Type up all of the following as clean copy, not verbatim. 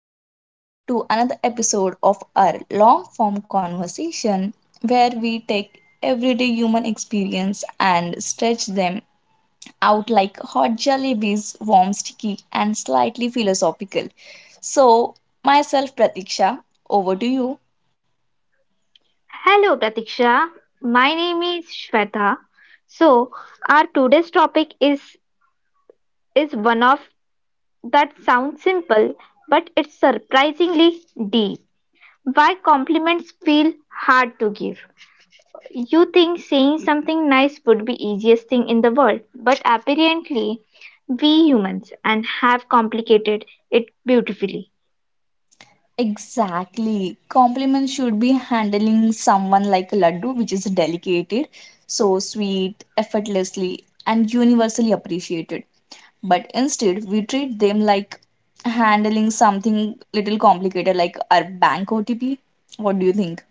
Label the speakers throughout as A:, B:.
A: Back to another episode of our long form conversation, where we take everyday human experience and stretch them out like hot jelly bees, warm, sticky, and slightly philosophical. So, myself, Pratiksha, over to you.
B: Hello, Pratiksha. My name is Shweta. So, our today's topic is one of that sounds simple, but it's surprisingly deep. Why compliments feel hard to give? You think saying something nice would be easiest thing in the world, but apparently we humans and have complicated it beautifully.
A: Exactly. Compliments should be handling someone like a laddu, which is delicated, so sweet, effortlessly, and universally appreciated, but instead we treat them like handling something little complicated like our bank OTP. What do you think?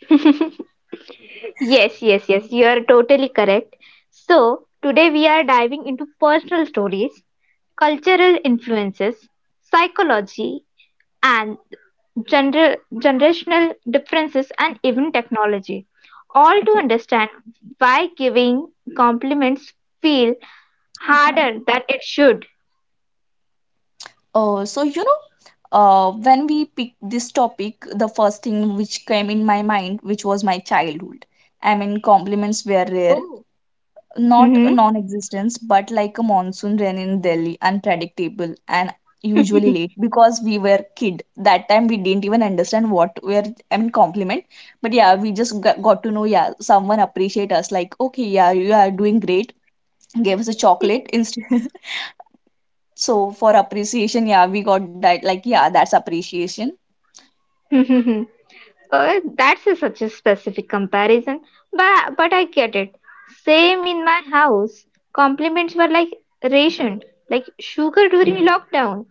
B: Yes, yes, yes, you are totally correct. So, today we are diving into personal stories, cultural influences, psychology, and generational differences, and even technology. All to
A: Okay.
B: understand why giving compliments feel
A: uh
B: harder than it should.
A: so, when we pick this topic, the first thing which came in my mind, which was my childhood. I mean, compliments were rare,
B: Oh,
A: not a
B: hmm.
A: non-existence, but like a monsoon rain in Delhi, unpredictable and usually late, because we were kid that time, we didn't even understand what were, I mean, compliment. But yeah, we just got to know, yeah, someone appreciate us, like, okay, yeah, you are doing great, gave us a chocolate instead. So for appreciation, yeah, we got that, like, yeah, that's appreciation.
B: That's such a specific comparison, but I get it. Same in my house, compliments were like ration, like sugar during lockdown.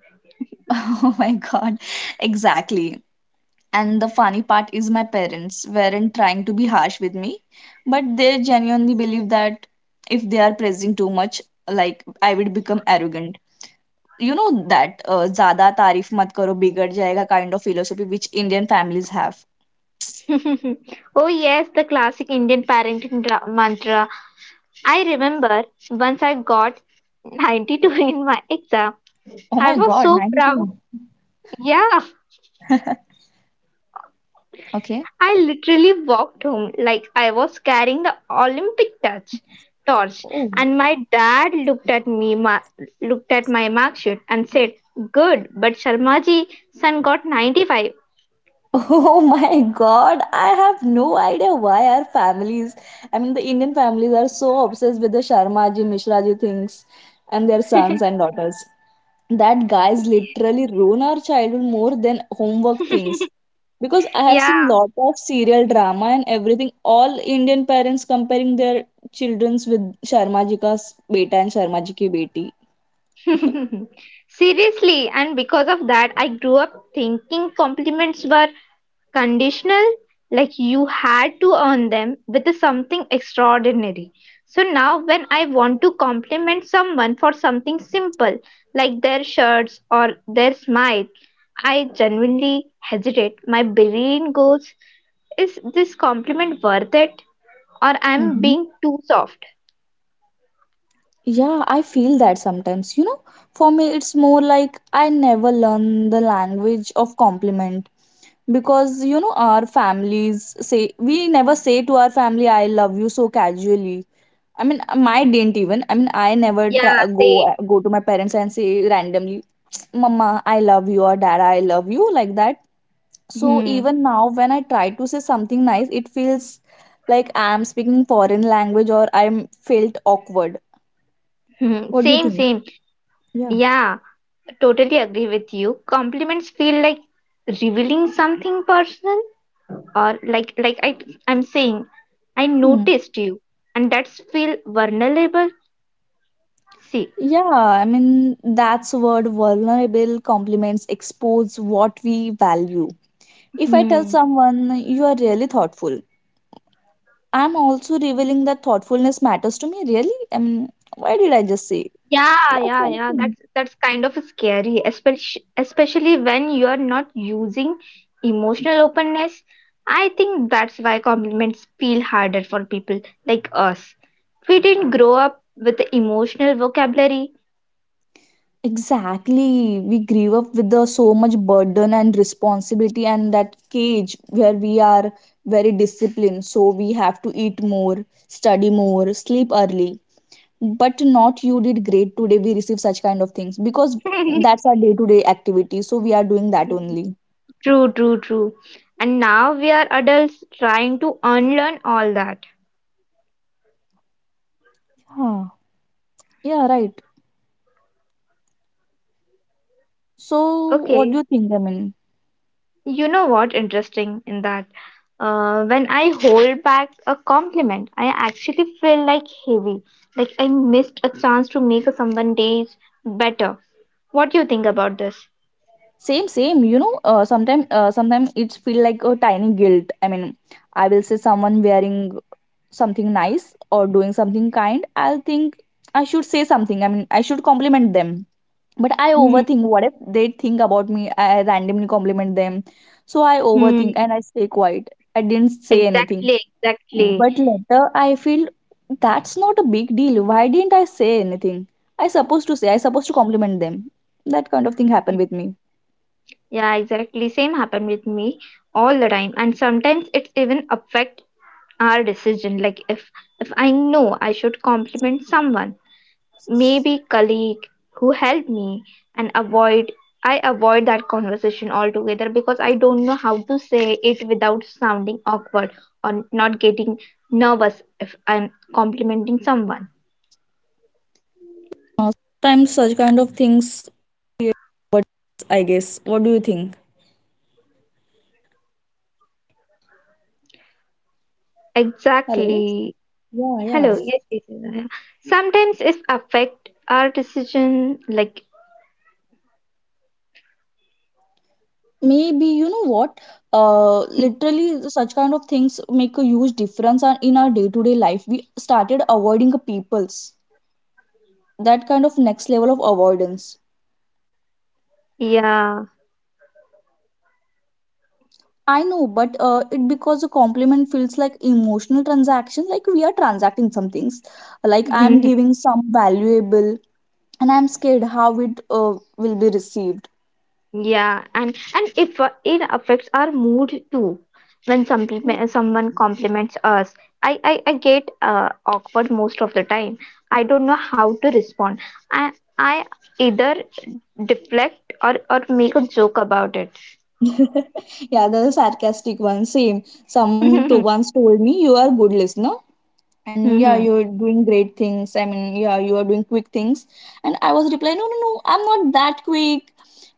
A: Oh my God, exactly. And the funny part is my parents weren't trying to be harsh with me, but they genuinely believe that if they are praising too much, like I would become arrogant. You know that, ज़्यादा तारीफ मत करो बिगड़ जाएगा kind of philosophy, which Indian families have.
B: Oh yes, the classic Indian parenting mantra. I remember once I got 92 in my exam.
A: Oh
B: I
A: my
B: was
A: God,
B: so proud.
A: 92.
B: Yeah,
A: Okay.
B: I literally walked home like I was carrying the Olympic touch torch,
A: Oh.
B: and my dad looked at me, looked at my mark sheet, and said, "Good, but Sharmaji son got 95."
A: Oh my God, I have no idea why our families, I mean, the Indian families are so obsessed with the Sharma ji, Mishra ji things and their sons and daughters, that guys literally ruin our childhood more than homework things, because I have seen
B: Yeah,
A: lot of serial drama and everything, all Indian parents comparing their childrens with Sharma ji ka beta and Sharma ji ki beti.
B: seriously, and because of that, I grew up thinking compliments were conditional, like you had to earn them with something extraordinary. So now, when I want to compliment someone for something simple, like their shirts or their smile, I genuinely hesitate. My brain goes, is this compliment worth it? Or I'm
A: Hmm,
B: being too soft?
A: yeah, I feel that sometimes, for me it's more like I never learn the language of compliment, because, our families say we never say to our family I love you so casually. I mean, my didn't even. I mean, I never
B: Yeah,
A: try,
B: same.
A: go to my parents and say randomly, "Mama, I love you," or "Dad, I love you," like that. So
B: Hmm,
A: even now, when I try to say something nice, it feels like I'm speaking foreign language or I'm felt awkward.
B: hmm.
A: What do you
B: Same,
A: think?
B: same.
A: Yeah.
B: Yeah, totally agree with you. Compliments feel like revealing something personal or like I I'm saying, I
A: Hmm.
B: noticed you, and that's feel vulnerable. See,
A: Yeah, I mean, that's word vulnerable. Compliments expose what we value. If I tell
B: hmm.
A: someone you are really thoughtful, I'm also revealing that thoughtfulness matters to me, really? I mean, why did I just say
B: Yeah,
A: that
B: yeah,
A: kind of
B: yeah.
A: thing?
B: That's kind of scary, especially when you are not using emotional openness. I think that's why compliments feel harder for people like us. We didn't grow up with emotional vocabulary.
A: Exactly. We grew up with the so much burden and responsibility and that cage where we are very disciplined. So we have to eat more, study more, sleep early. But not you did great today. We receive such kind of things because that's our day to day activity. So we are doing that only.
B: True, true, true. And now we are adults trying to unlearn all that.
A: Yeah. Yeah, right. So what do
B: Okay.
A: you think? I mean.
B: You know what interesting in that when I hold back a compliment, I actually feel like heavy, like I missed a chance to make someone days better. What do you think about this?
A: Same, sometimes, sometimes it's feel like a tiny guilt. I mean, I will see someone wearing something nice or doing something kind, I'll think I should say something. I mean, I should compliment them. But I
B: Hmm.
A: overthink, what if they think about me I randomly compliment them? So I overthink
B: Hmm.
A: and I stay quiet, I didn't say anything.
B: Exactly, exactly.
A: But later I feel that's not a big deal, why didn't I say anything? I supposed to say, I supposed to compliment them. That kind of thing happened with me.
B: Yeah, exactly. Same happened with me all the time, and sometimes it's even affect our decision. Like if I know I should compliment someone, maybe colleague who helped me and avoid I avoid that conversation altogether because I don't know how to say it without sounding awkward or not getting nervous if I'm complimenting someone.
A: Hello.
B: Exactly.
A: Yeah,
B: Hello.
A: yeah.
B: Yes, yes, yes, yeah. Sometimes if affect our decision, like
A: Maybe you know what? Literally, such kind of things make a huge difference in our day-to-day life. We started avoiding people's that kind of next level of avoidance.
B: yeah.
A: I know, but it because a compliment feels like emotional transaction, like we are transacting some things, like I'm giving some valuable, and I'm scared how it will be received.
B: Yeah, and if it affects our mood too. When someone compliments us, I get awkward most of the time. I don't know how to respond. I I either deflect or make a joke about it.
A: Yeah, the sarcastic one. Same. Someone to once told me you are good listener and yeah,
B: Mhm.
A: you're doing great things. I mean, yeah, you are doing quick things. And I was replying no, no, no, I'm not that quick.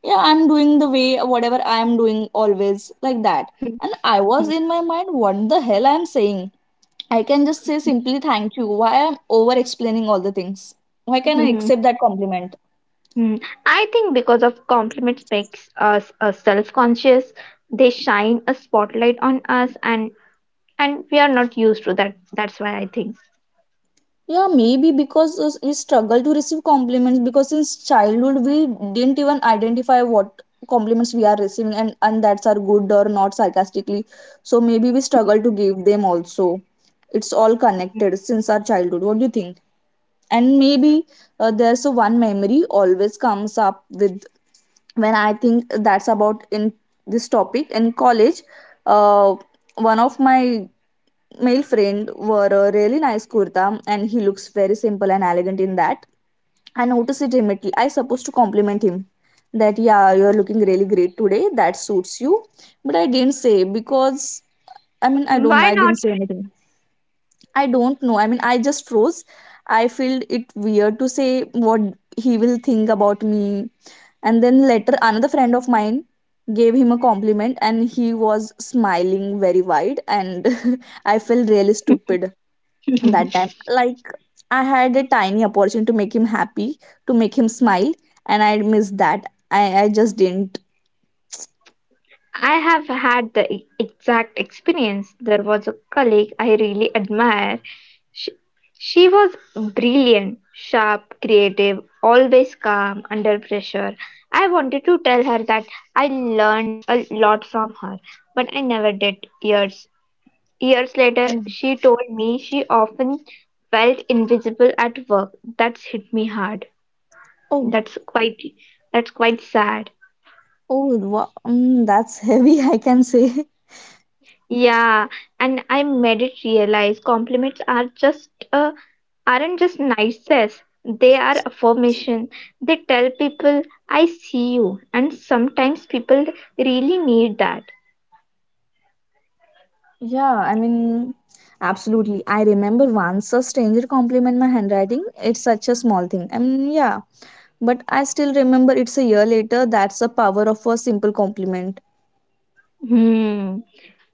A: Yeah, I'm doing the way whatever I'm doing always, like that.
B: Mhm.
A: And I was in my mind what the hell I'm saying. I can just say simply thank you, why I'm over explaining all the things? Why can I accept that compliment?
B: Mhm. I think because of compliments makes us self-conscious. They shine a spotlight on us, and we are not used to that. That's why I think.
A: Yeah, maybe because we struggle to receive compliments because since childhood we didn't even identify what compliments we are receiving, and that's are good or not sarcastically. So maybe we struggle to give them also. It's all connected since our childhood. What do you think? And maybe, there's a one memory always comes up with when I think that's about in this topic in college. Uh, One of my male friend wore a really nice kurta and he looks very simple and elegant in that. I noticed it immediately. I supposed to compliment him that yeah, you're looking really great today. That suits you. But I didn't say because, I mean,
B: Why
A: I
B: not?
A: didn't say anything. I don't know. I mean, I just froze. I feel it weird to say what he will think about me. And then later another friend of mine gave him a compliment and he was smiling very wide and I felt really stupid that time, like I had a tiny opportunity to make him happy, to make him smile, and I missed that. I just didn't.
B: I have had the exact experience. There was a colleague I really admire. She, she was brilliant, sharp, creative, always calm under pressure. I wanted to tell her that I learned a lot from her, but I never did. Years later,
A: Oh,
B: she told me she often felt invisible at work. That's hit me hard.
A: oh,
B: That's quite that's quite sad.
A: oh, wow, mm, that's heavy. I can say.
B: Yeah, and I made it realize compliments are just aren't just niceties. They are affirmation. They tell people I see you, and sometimes people really need that.
A: Yeah, I mean, absolutely, I remember once a stranger compliment my handwriting, it's such a small thing, I mean, yeah, but I still remember, it's a year later. That's the power of a simple compliment.
B: Hmm.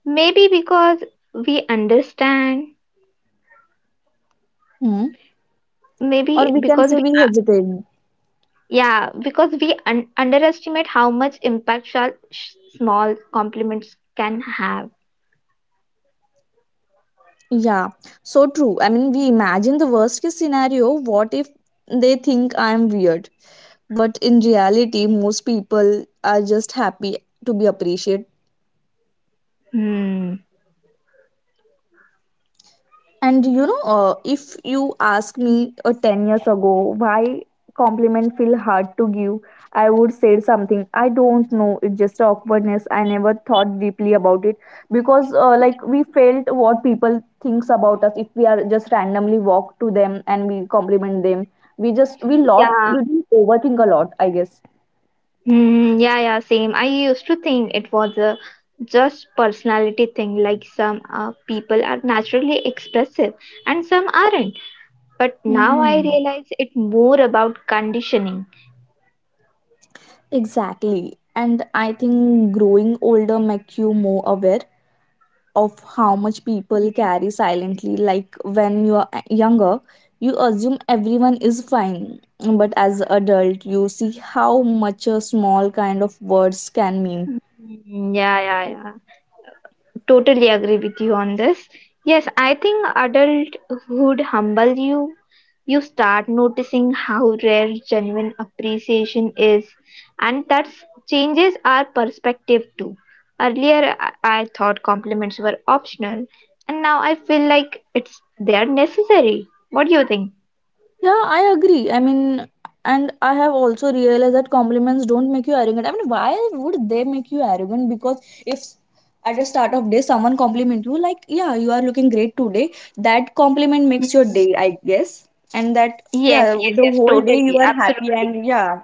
B: Maybe because we understand.
A: Hmm. Or
B: Maybe
A: we can
B: because
A: say
B: we
A: we hesitate.
B: Yeah because we underestimate how much impact small compliments can have.
A: Yeah, so true. I mean, we imagine the worst case scenario, what if they think I'm weird? But in reality, most people are just happy to be appreciated.
B: Hmm.
A: And you know, if you ask me 10 years ago, why compliment feel hard to give, I would say something. I don't know. It's just awkwardness. I never thought deeply about it, because, like we felt what people thinks about us if we are just randomly walk to them and we compliment them. We just, we lot,
B: Yeah.
A: we didn't overthink a lot, I guess.
B: Hmm, yeah, yeah, same. I used to think it was a just personality thing, like some people are naturally expressive and some aren't. But now
A: Hmm,
B: I realize it more about conditioning.
A: exactly. And I think growing older makes you more aware of how much people carry silently. Like when you are younger, you assume everyone is fine, but as adult, you see how much a small kind of words can mean.
B: Hmm, yeah, yeah, yeah, totally agree with you on this. Yes, I think adulthood humbles you. You start noticing how rare genuine appreciation is, and that changes our perspective too. Earlier, I thought compliments were optional, and now I feel like it's they are necessary. What do you think?
A: Yeah, I agree. I mean, and I have also realized that compliments don't make you arrogant. I mean, why would they make you arrogant? Because if at the start of day someone compliment you, like, yeah, you are looking great today, that compliment makes your
B: Mm.
A: day, I guess. And that, yeah,
B: Yes, yes,
A: the
B: yes,
A: whole day you
B: totally,
A: are happy
B: absolutely.
A: and yeah,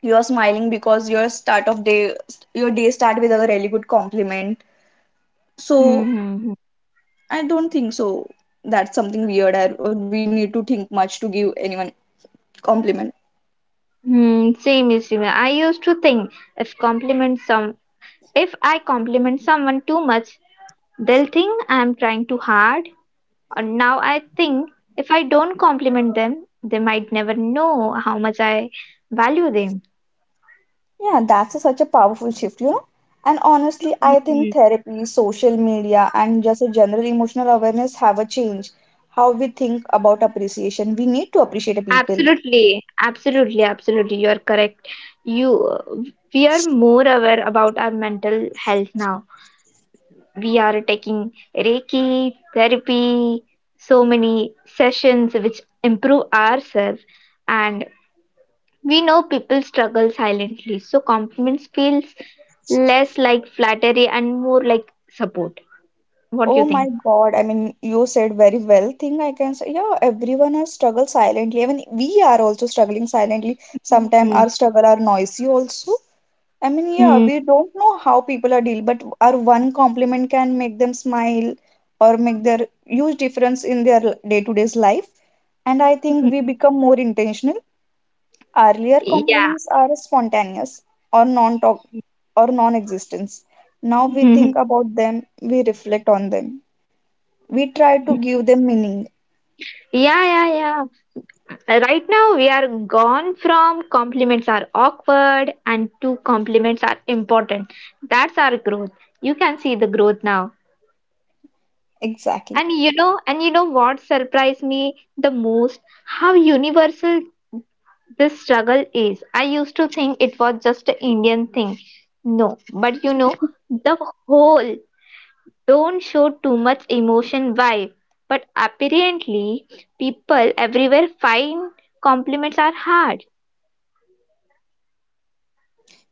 A: you are smiling because your start of day, your day start with a really good compliment.
B: Hmm,
A: So
B: hmm, hmm.
A: I don't think so, that's something weird or we need to think much to give anyone compliment.
B: Hmm, same is similar. I used to think if compliments some if I compliment someone too much, they'll think I'm trying too hard. Or now I think if I don't compliment them, they might never know how much I value them.
A: Yeah, that's a, such a powerful shift, you know. And honestly, I think
B: Mm,
A: therapy, social media, and just a general emotional awareness have a change how we think about appreciation. We need to appreciate people.
B: absolutely, absolutely, absolutely. You're correct. You, uh, we are more aware about our mental health now. We are taking Reiki, therapy, so many sessions which improve ourselves, and we know people struggle silently, so compliments feels less like flattery and more like support. What do you
A: Oh my
B: think?
A: God. I mean, you said very well. Thing I can say, yeah, everyone has struggled silently. I mean, we are also struggling silently. Sometimes
B: Mhm.
A: our struggle are noisy also. I mean, yeah,
B: Mhm.
A: we don't know how people are deal, but our one compliment can make them smile or make their huge difference in their day-to-day's life. And I think
B: Mhm.
A: we become more intentional. Earlier
B: Yeah.
A: compliments are spontaneous or non-talk or non-existence. Now we think
B: Mhm.
A: about them, we reflect on them, we try to give them meaning.
B: Yeah, yeah, yeah. Right now, we are gone from compliments are awkward and to compliments are important. That's our growth. You can see the growth now.
A: Exactly.
B: And you know what surprised me the most? How universal this struggle is. I used to think it was just an Indian thing. No, but you know, the whole don't show too much emotion vibe. But apparently, people everywhere find compliments are hard.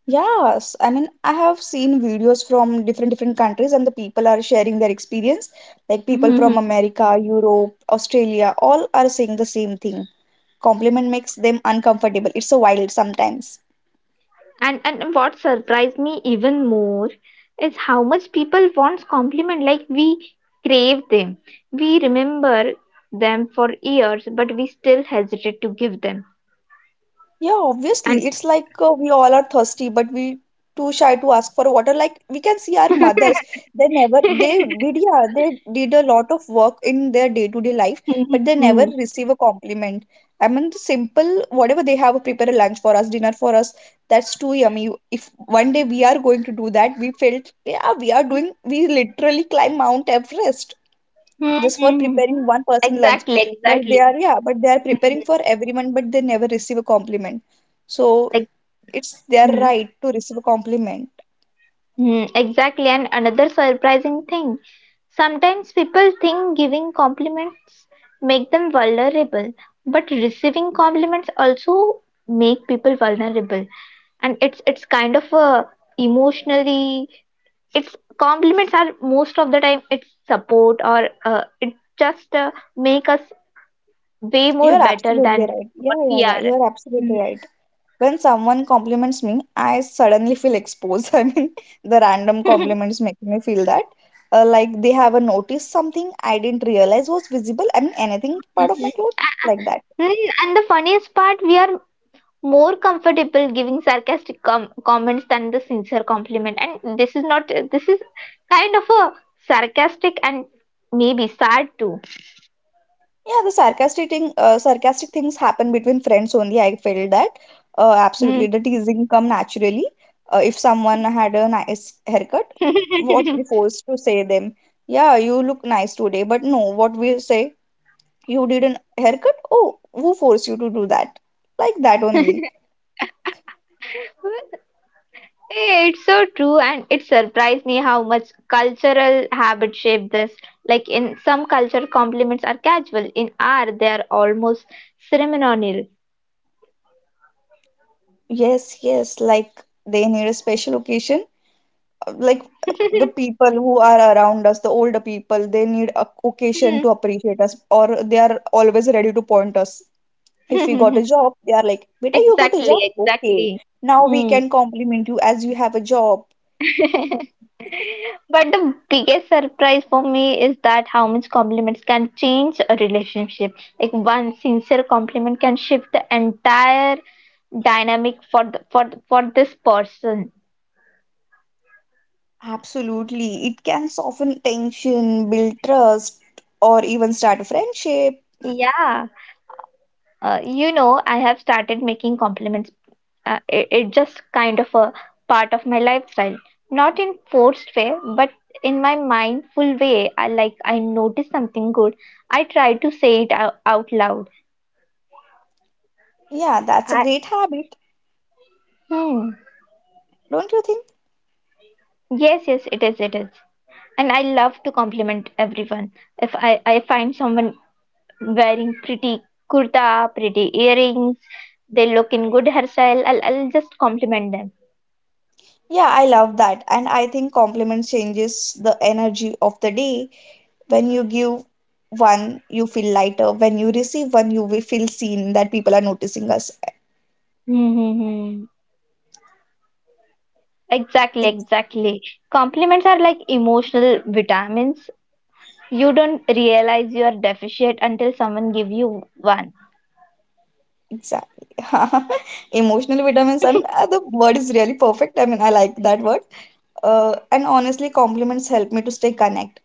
A: Yes, I mean, I have seen videos from different different countries and the people are sharing their experience. Like people
B: Mhm.
A: from America, Europe, Australia, all are saying the same thing. Compliment makes them uncomfortable. It's so wild sometimes.
B: And what surprised me even more is how much people wants compliment. Like we crave them, we remember them for years, but we still hesitate to give them.
A: Yeah,
B: And
A: obviously. It's like, we all are thirsty, but we too shy to ask for water. Like we can see our mothers. They never they did, yeah, they did a lot of work in their day-to-day life, but they never receive a compliment. I mean the simple whatever they have prepare a lunch for us, dinner for us, that's too yummy. If one day we are going to do that, we felt yeah, we are doing we literally climb Mount Everest.
B: Hmm,
A: Just for
B: hmm, hmm.
A: preparing one person lunch,
B: Exactly,
A: but they
B: exactly.
A: are, yeah, but they are
B: Hmm,
A: preparing for everyone, but they never receive a compliment. So
B: ex-
A: it's their
B: hmm,
A: right to receive a compliment.
B: hmm, exactly. And another surprising thing, sometimes people think giving compliments make them vulnerable, but receiving compliments also make people vulnerable. And it's kind of a emotionally, it's compliments are most of the time it's support or it just make us way more
A: You're
B: better
A: absolutely
B: than
A: right. Yeah,
B: what
A: yeah,
B: we
A: yeah,
B: are.
A: you're absolutely right. When someone compliments me, I suddenly feel exposed. I mean, the random compliments make me feel that like they have a noticed something I didn't realize was visible. I mean, anything
B: Hmm.
A: part of my clothes, like that.
B: Mm, and the funniest part, we are more comfortable giving sarcastic comments than the sincere compliment. And this is not, this is kind of a sarcastic and maybe sad too.
A: Yeah, the sarcastic thing, sarcastic things happen between friends only. I felt that absolutely
B: Hmm.
A: the teasing come naturally. If someone had a nice haircut, what we forced to say them, yeah, you look nice today. But no, what we say, you did an haircut. Oh, who forced you to do that? Like that only.
B: Eh, it's so true, and it surprised me how much cultural habit shape this. Like in some culture, compliments are casual; in our, they are almost ceremonial.
A: Yes, yes. Like they need a special occasion, like the people who are around us, the older people, they need a occasion to appreciate us, or they are always ready to point us. If we got
B: Hmm.
A: a job, they are like, "Beta, you got a
B: Exactly,
A: job? Okay,
B: exactly.
A: now we
B: Hmm.
A: can compliment you as you have a job."
B: But the biggest surprise for me is that how much compliments can change a relationship. Like one sincere compliment can shift the entire dynamic for this person.
A: Absolutely, it can soften tension, build trust, or even start a friendship.
B: Yeah, you know, I have started making compliments. It just kind of a part of my lifestyle, not in forced way, but in my mindful way. I notice something good. I try to say it out, out loud.
A: Yeah, that's a
B: I
A: great habit,
B: Hmm.
A: don't you think?
B: Yes, yes, it is, it is. And I love to compliment everyone. If I find someone wearing pretty kurta, pretty earrings, they look in good hairstyle, I'll just compliment them.
A: Yeah, I love that, and I think compliments changes the energy of the day. When you give one, you feel lighter. When you receive one, you will feel seen, that people are noticing us.
B: Mm-hmm. Exactly,
A: Ex-
B: exactly. Compliments are like emotional vitamins. You don't realize you are deficient until someone give you one.
A: exactly. Emotional vitamins. I mean, the word is really perfect. I mean, I like that word. And honestly, compliments help me to stay connect.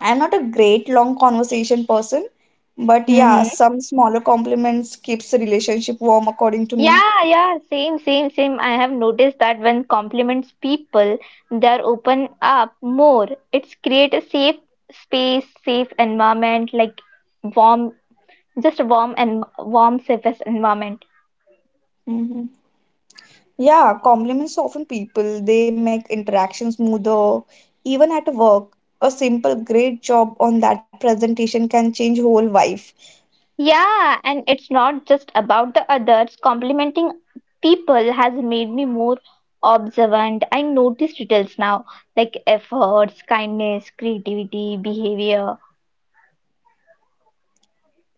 A: I'm not a great long conversation person, but yeah,
B: Hmm.
A: some smaller compliments keeps the relationship warm, according to me.
B: Yeah, yeah, same, same, same. I have noticed that when compliments people, they are open up more. It's create a safe space, safe environment, like warm, just a warm, safest environment.
A: Mhm. Yeah, compliments often people, they make interactions smoother. Even at work, a simple great job on that presentation can change whole life.
B: Yeah, and it's not just about the others. Complimenting people has made me more observant. I notice details now, like efforts, kindness, creativity, behavior.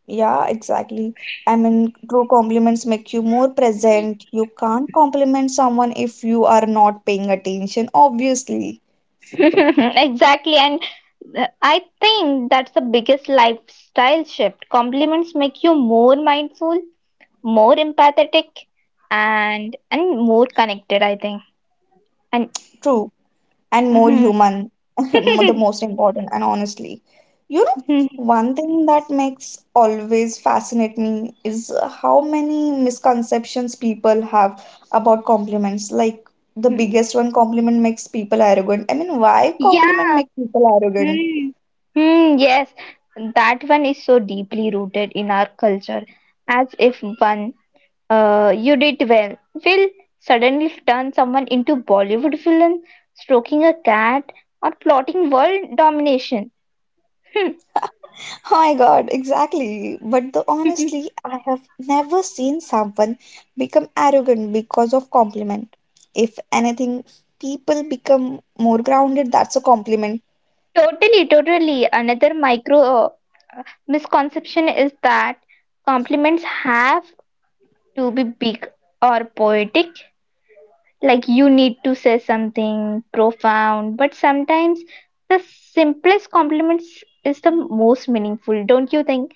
A: Yeah, exactly. I mean, true compliments make you more present. You can't compliment someone if you are not paying attention, obviously.
B: Exactly, and I think that's the biggest lifestyle shift. Compliments make you more mindful, more empathetic, and more connected, I think. And
A: True. And more
B: Mhm.
A: human. The most important. And honestly, you know, one thing that makes always fascinate me is how many misconceptions people have about compliments. Like the biggest one, compliment makes people arrogant. I mean, why compliment
B: Yeah.
A: make people arrogant?
B: Mm. Mm, yes, that one is so deeply rooted in our culture. As if one, you did well, will suddenly turn someone into Bollywood villain, stroking a cat, or plotting world domination.
A: Oh my God, exactly. But the honestly, I have never seen someone become arrogant because of compliment. If anything, people become more grounded. That's a compliment.
B: Totally, totally. Another micro misconception is that compliments have to be big or poetic. Like you need to say something profound, but sometimes the simplest compliments is the most meaningful, don't you think?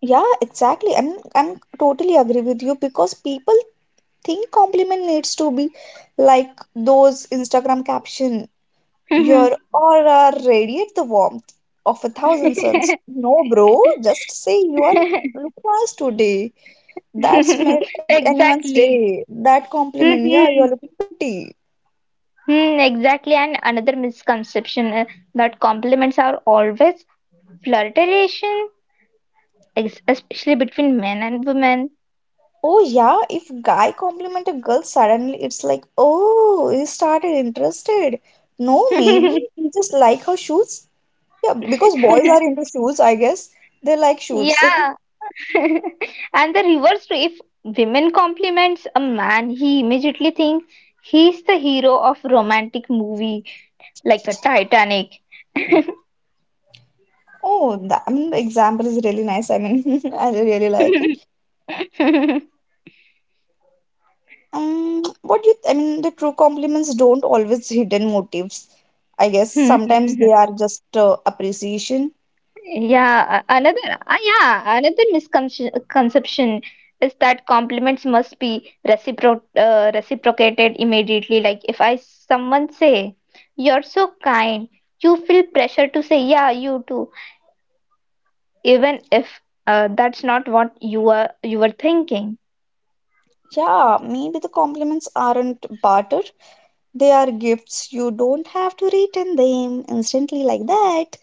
A: Yeah, exactly. I'm totally agree with you because people think compliment needs to be like those Instagram caption,
B: Mhm.
A: your aura radiate the warmth of a thousand suns. No, bro, just say you are looking nice today. That's made anyone's
B: Exactly.
A: day. That compliment, yeah, you're
B: Mhm.
A: looking pretty.
B: Hmm, exactly. And another misconception that compliments are always flirtation, especially between men and women.
A: Oh yeah, if guy compliment a girl suddenly, it's like, oh, he started interested. No, maybe he just like her shoes. Yeah, because boys are into shoes, I guess. They like shoes.
B: Yeah. And the reverse too, if women compliments a man, he immediately thinks he's the hero of romantic movie like a Titanic.
A: Oh, the, I mean, the example is really nice. I mean, I really like it. What do you, I mean, the true compliments don't always hidden motives. I guess sometimes they are just appreciation.
B: Yeah, another yeah, another misconception is that compliments must be reciprocated immediately. Like if I someone say, "You're so kind," you feel pressure to say, "Yeah, you too," even if that's not what you were thinking.
A: Yeah, maybe the compliments aren't barter. They are gifts. You don't have to return them instantly like that.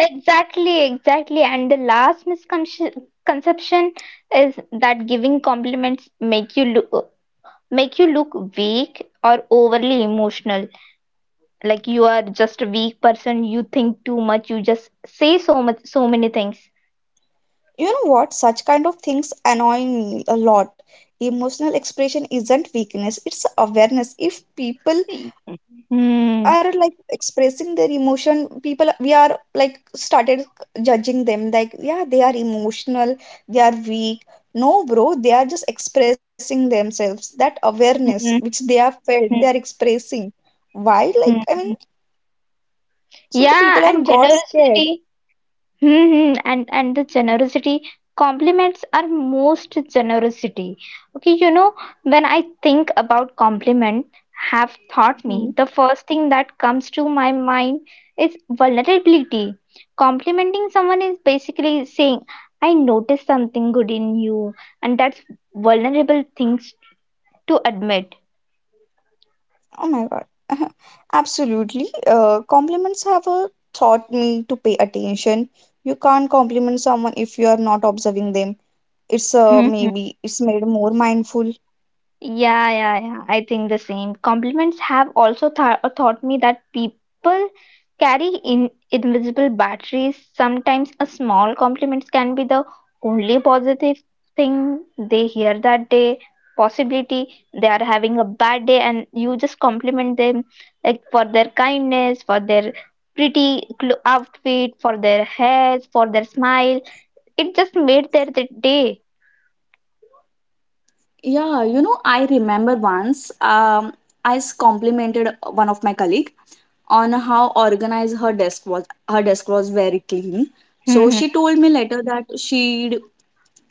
B: Exactly, exactly. And the last misconception is that giving compliments make you look weak or overly emotional like you are just a weak person you think too much you just say so much so many things.
A: You know what? Such kind of things annoy me a lot. Emotional expression isn't weakness, it's awareness. If people are
B: Hmm.
A: like expressing their emotion, people we are like started judging them like, yeah, they are emotional, they are weak. No, bro, they are just expressing themselves. That awareness
B: Hmm.
A: which they have felt,
B: Hmm.
A: they are expressing. Why?
B: Hmm.
A: Like, I mean,
B: Hmm.
A: so the
B: Yeah
A: people are
B: and
A: got scared.
B: generosity, hmm. And the generosity compliments are most generosity. Okay, you know, when I think about compliment, have taught
A: Hmm.
B: me the first thing that comes to my mind is vulnerability. Complimenting someone is basically saying, I noticed something good in you, and that's vulnerable things to admit.
A: Oh my God. Absolutely. Compliments have taught me to pay attention. You can't compliment someone if you are not observing them. It's maybe it's made more mindful.
B: Yeah, yeah, yeah. I think the same. Compliments have also th taught me that people carry in invisible batteries. Sometimes a small compliment can be the only positive thing they hear that day. Possibility they are having a bad day, and you just compliment them like for their kindness, for their outfit, for their hairs, for their smile. It just made their day.
A: Yeah, you know, I remember once, I complimented one of my colleague on how organized her desk was. Her desk was very clean. So she told me later that she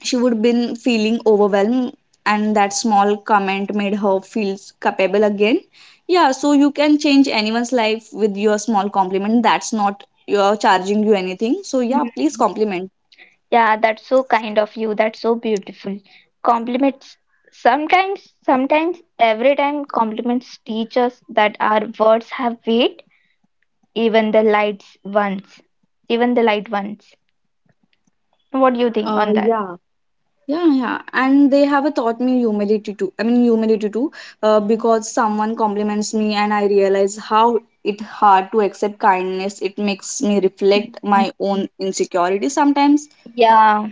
A: she would been feeling overwhelmed, and that small comment made her feel capable again. Yeah, so you can change anyone's life with your small compliment. That's not you're charging you anything, so yeah, please compliment.
B: Yeah, that's so kind of you. That's so beautiful. Compliments every time compliments teach us that our words have weight, even the light ones. Even the light ones. What do you think on that?
A: Yeah. Yeah, yeah, and they have a taught me humility too. I mean, humility too. Because someone compliments me, and I realize how it hard to accept kindness. It makes me reflect my
B: Mm,
A: own insecurity sometimes.
B: yeah,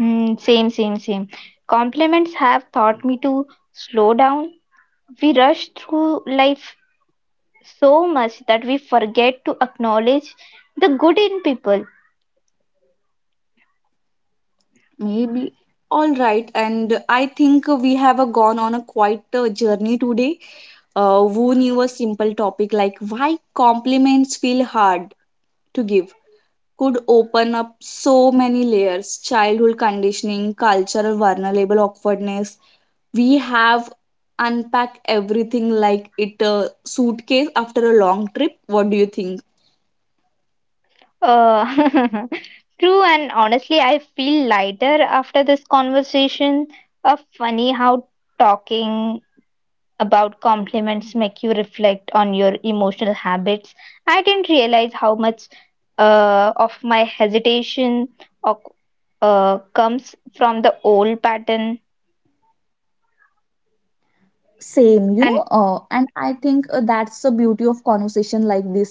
B: mm, same, same, same. Compliments have taught me to slow down. We rush through life so much that we forget to acknowledge the good in people.
A: Maybe. All right. And I think we have gone on a quite journey today. Who knew a simple topic like why compliments feel hard to give could open up so many layers, childhood conditioning, cultural vulnerable awkwardness. We have unpacked everything like it a suitcase after a long trip. What do you think?
B: Uh, true, and honestly, I feel lighter after this conversation. Funny how talking about compliments make you reflect on your emotional habits. I didn't realize how much of my hesitation or comes from the old pattern.
A: Same,
B: And
A: and I think that's the beauty of conversation like this.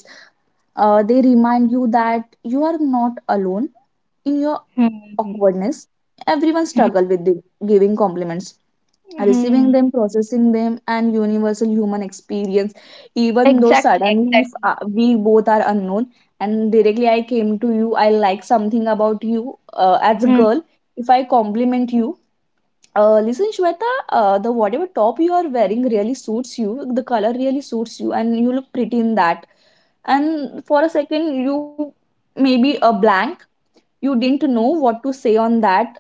A: They remind you that you are not alone in your
B: hmm,
A: awkwardness. Everyone
B: hmm,
A: struggle with the giving compliments,
B: hmm,
A: receiving
B: hmm,
A: them, processing them, and universal human experience. Even though
B: exactly,
A: suddenly, if
B: exactly.
A: we both are unknown, and directly I came to you, I like something about you as a
B: Hmm,
A: girl. If I compliment you, listen, Shweta, the whatever top you are wearing really suits you. The color really suits you, and you look pretty in that. And for a second, you maybe a blank, you didn't know what to say on that,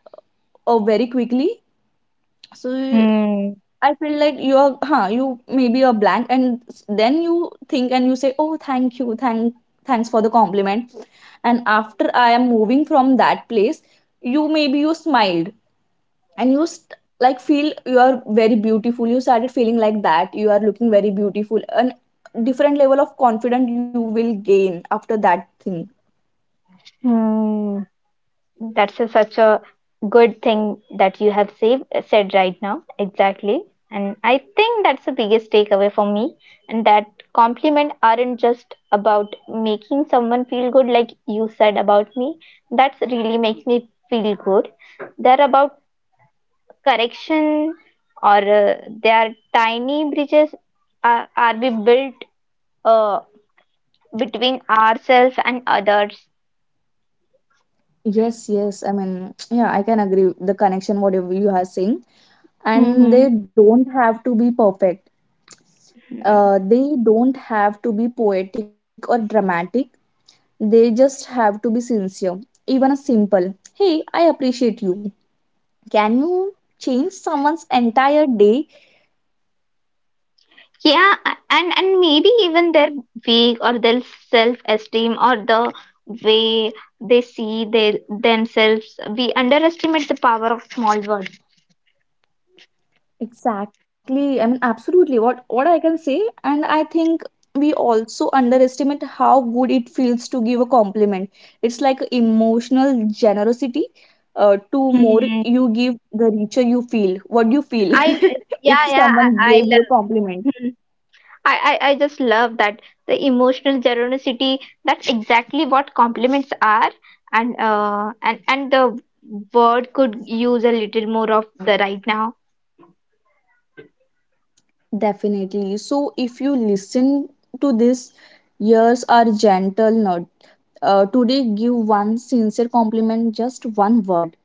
A: or very quickly, so
B: hmm,
A: I feel like you are huh, you maybe a blank, and then you think and you say, oh, thank you, thanks for the compliment. And after I am moving from that place, you maybe you smiled, and you like feel you are very beautiful. You started feeling like that, you are looking very beautiful, and different level of confidence you will gain after that thing.
B: hmm. That's such a good thing that you have said right now. Exactly. And I think that's the biggest takeaway for me. And that compliment aren't just about making someone feel good, like you said about me. That's really makes me feel good. They're about correction or they are tiny bridges are we built uh, between ourselves and others.
A: Yes, yes. I mean, yeah, I can agree with the connection whatever you are saying. And
B: Mm-hmm.
A: they don't have to be perfect. They don't have to be poetic or dramatic. They just have to be sincere. Even a simple, hey, I appreciate you. Can you change someone's entire day?
B: Yeah, and maybe even their weak or their self-esteem or the way they see they themselves. We underestimate the power of small words.
A: Exactly. I mean, absolutely. What I can say, and I think we also underestimate how good it feels to give a compliment. It's like emotional generosity. To more
B: Hmm.
A: you give, the richer you feel. What do you feel
B: I yeah
A: if
B: yeah I,
A: someone
B: I
A: gave you a
B: love
A: compliment?
B: hmm. I just love that the emotional generosity. That's exactly what compliments are, and the word could use a little more of the right now.
A: Definitely. So if you listen to this, years are gentle. Not today, give one sincere compliment, just one word.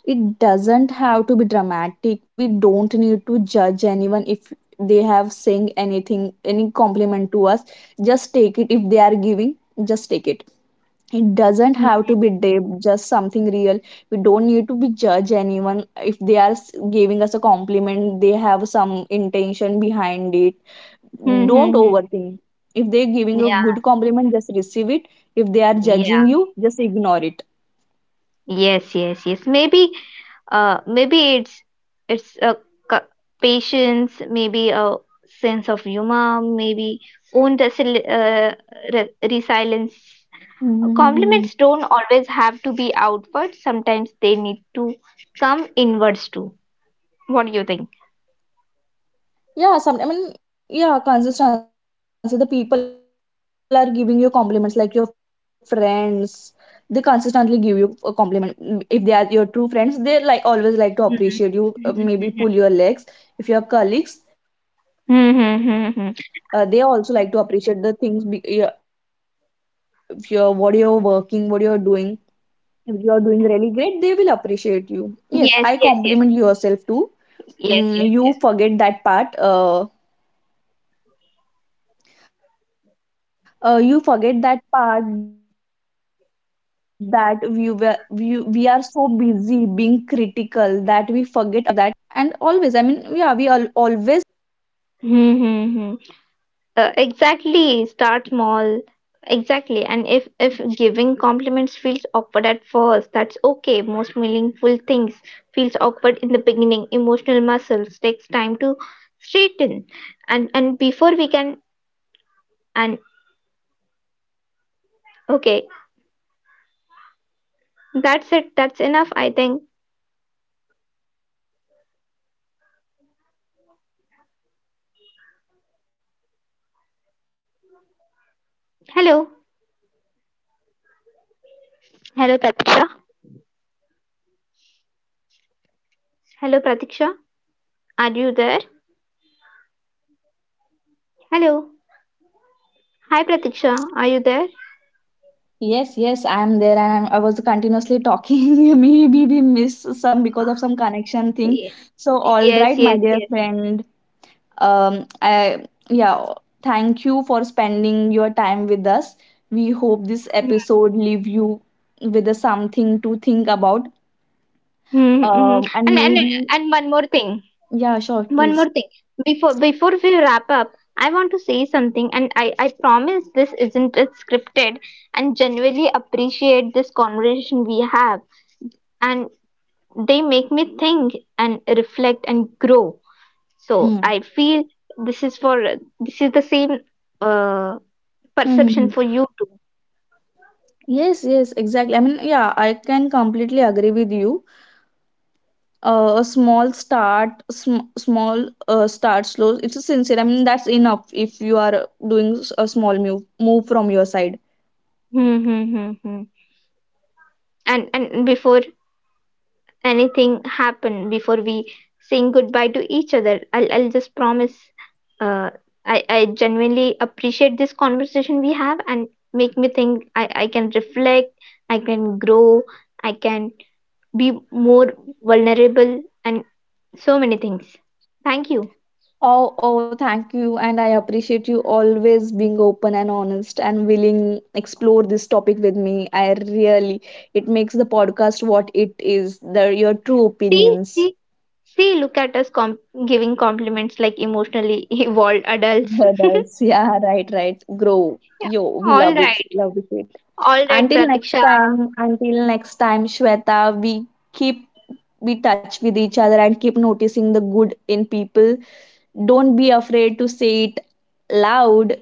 A: It doesn't have to be dramatic. We don't need to judge anyone if they have saying anything, any compliment to us. Just take it. If they are giving, just take it. It doesn't
B: Hmm.
A: have to be deep, just something real. We don't need to be judge anyone. If they are giving us a compliment, they have some intention behind it.
B: Hmm, hmm,
A: Don't
B: hmm.
A: overthink. If they're giving a
B: Yeah.
A: good compliment, just receive it. If they are
B: Yeah.
A: judging you, just ignore it.
B: Yes, yes, yes. Maybe maybe it's a c- patience, maybe a sense of humor, maybe own resilience. Compliments don't always have to be outward. Sometimes they need to come inwards too. What do you think?
A: Yeah, some I mean, yeah, consistency. The people are giving you compliments, like your friends. They consistently give you a compliment. Mm, if they are your true friends, they like always like to appreciate you. Maybe pull your legs. If your colleagues, they also like to appreciate the things. Be, yeah, if you're what you're working, what you're doing.
B: Mm-hmm.
A: If you're doing really great, they will appreciate you. Yes, I compliment yourself too. Mm, you forget that part. You
B: Yes,
A: forget
B: yes,
A: that
B: yes,
A: part that we, were,
B: yes, yes,
A: we are
B: yes.
A: so busy being critical that we forget appreciate our own growth sometimes, don't you think like that? And always, I mean, yeah, we always forget to appreciate ourselves because we are so
B: Mm-hmm.
A: busy to do that lot of
B: Exactly,
A: things in
B: start
A: our day to day
B: small.
A: life.
B: Exactly. And if giving compliments feels awkward at first, that's okay. Most meaningful things feels
A: So
B: awkward in the
A: I never,
B: beginning.
A: I mean,
B: Emotional
A: yeah, you
B: muscles
A: can
B: takes
A: speak up
B: time to
A: continuously,
B: straighten.
A: and
B: And
A: yeah,
B: before we
A: you
B: can
A: are complimenting each other,
B: and
A: you are promoting anyone,
B: okay,
A: you are building anyone's confidence. That's a really
B: that's
A: great
B: it.
A: and
B: That's
A: huge
B: enough,
A: thing,
B: I think.
A: according to me. You always have to speak up, you always have to compliment any random people that can.
B: Hello. Hello, Pratiksha. Hello, Pratiksha. Are you there? Hello. Hi, Pratiksha. Are you there?
A: Yes, yes, I am there, and I was continuously talking. Maybe we miss some because of some connection thing.
B: Ye-
A: So, all
B: yes,
A: right, my
B: yes,
A: dear
B: yes.
A: friend. I yeah, thank you for spending your time with us. We hope this episode leave you with a something to think about.
B: Mm-hmm.
A: And
B: And and
A: maybe,
B: and one more thing.
A: yeah, sure,
B: One
A: please.
B: more thing. Before we wrap up, I want to say something and I promise this isn't it scripted and genuinely appreciate this conversation we have. And they make me think and reflect and grow. So
A: Hmm.
B: I feel this is for this is the same uh
A: Hmm, hmm,
B: perception
A: hmm.
B: for you too.
A: Yes, yes, exactly. I mean, yeah, I can completely agree with you. A small start, small start slow, it's a sincere, I mean, that's enough if you are doing a small move from your side.
B: Hmm, hmm, hmm, hmm. And before anything happen before we saying goodbye to each other I'll just promise uh, I genuinely appreciate this conversation we have and make me think I can reflect, I can grow, I can be more vulnerable and so many things, thank you.
A: Oh, oh, thank you, and I appreciate you always being open and honest and willing explore this topic with me. I really, it makes the podcast what it is, the your true
B: See,
A: opinions.
B: see, see, look at us giving compliments like emotionally evolved adults.
A: Brothers. Yeah, right, right, grow
B: Yeah.
A: yo, we
B: All
A: love it,
B: right,
A: love it.
B: all right, Pratiksha.
A: Until next time, Shweta, we keep, we touch with each other and keep noticing the good in people. Don't be afraid to say it loud.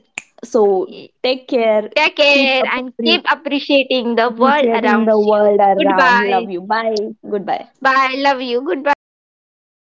A: So take care.
B: Take
A: Keep
B: care and keep appreciating the world
A: appreciating the
B: around
A: world
B: you.
A: around. Love you.
B: Goodbye.
A: Bye. Goodbye.
B: Bye. Love you. Goodbye.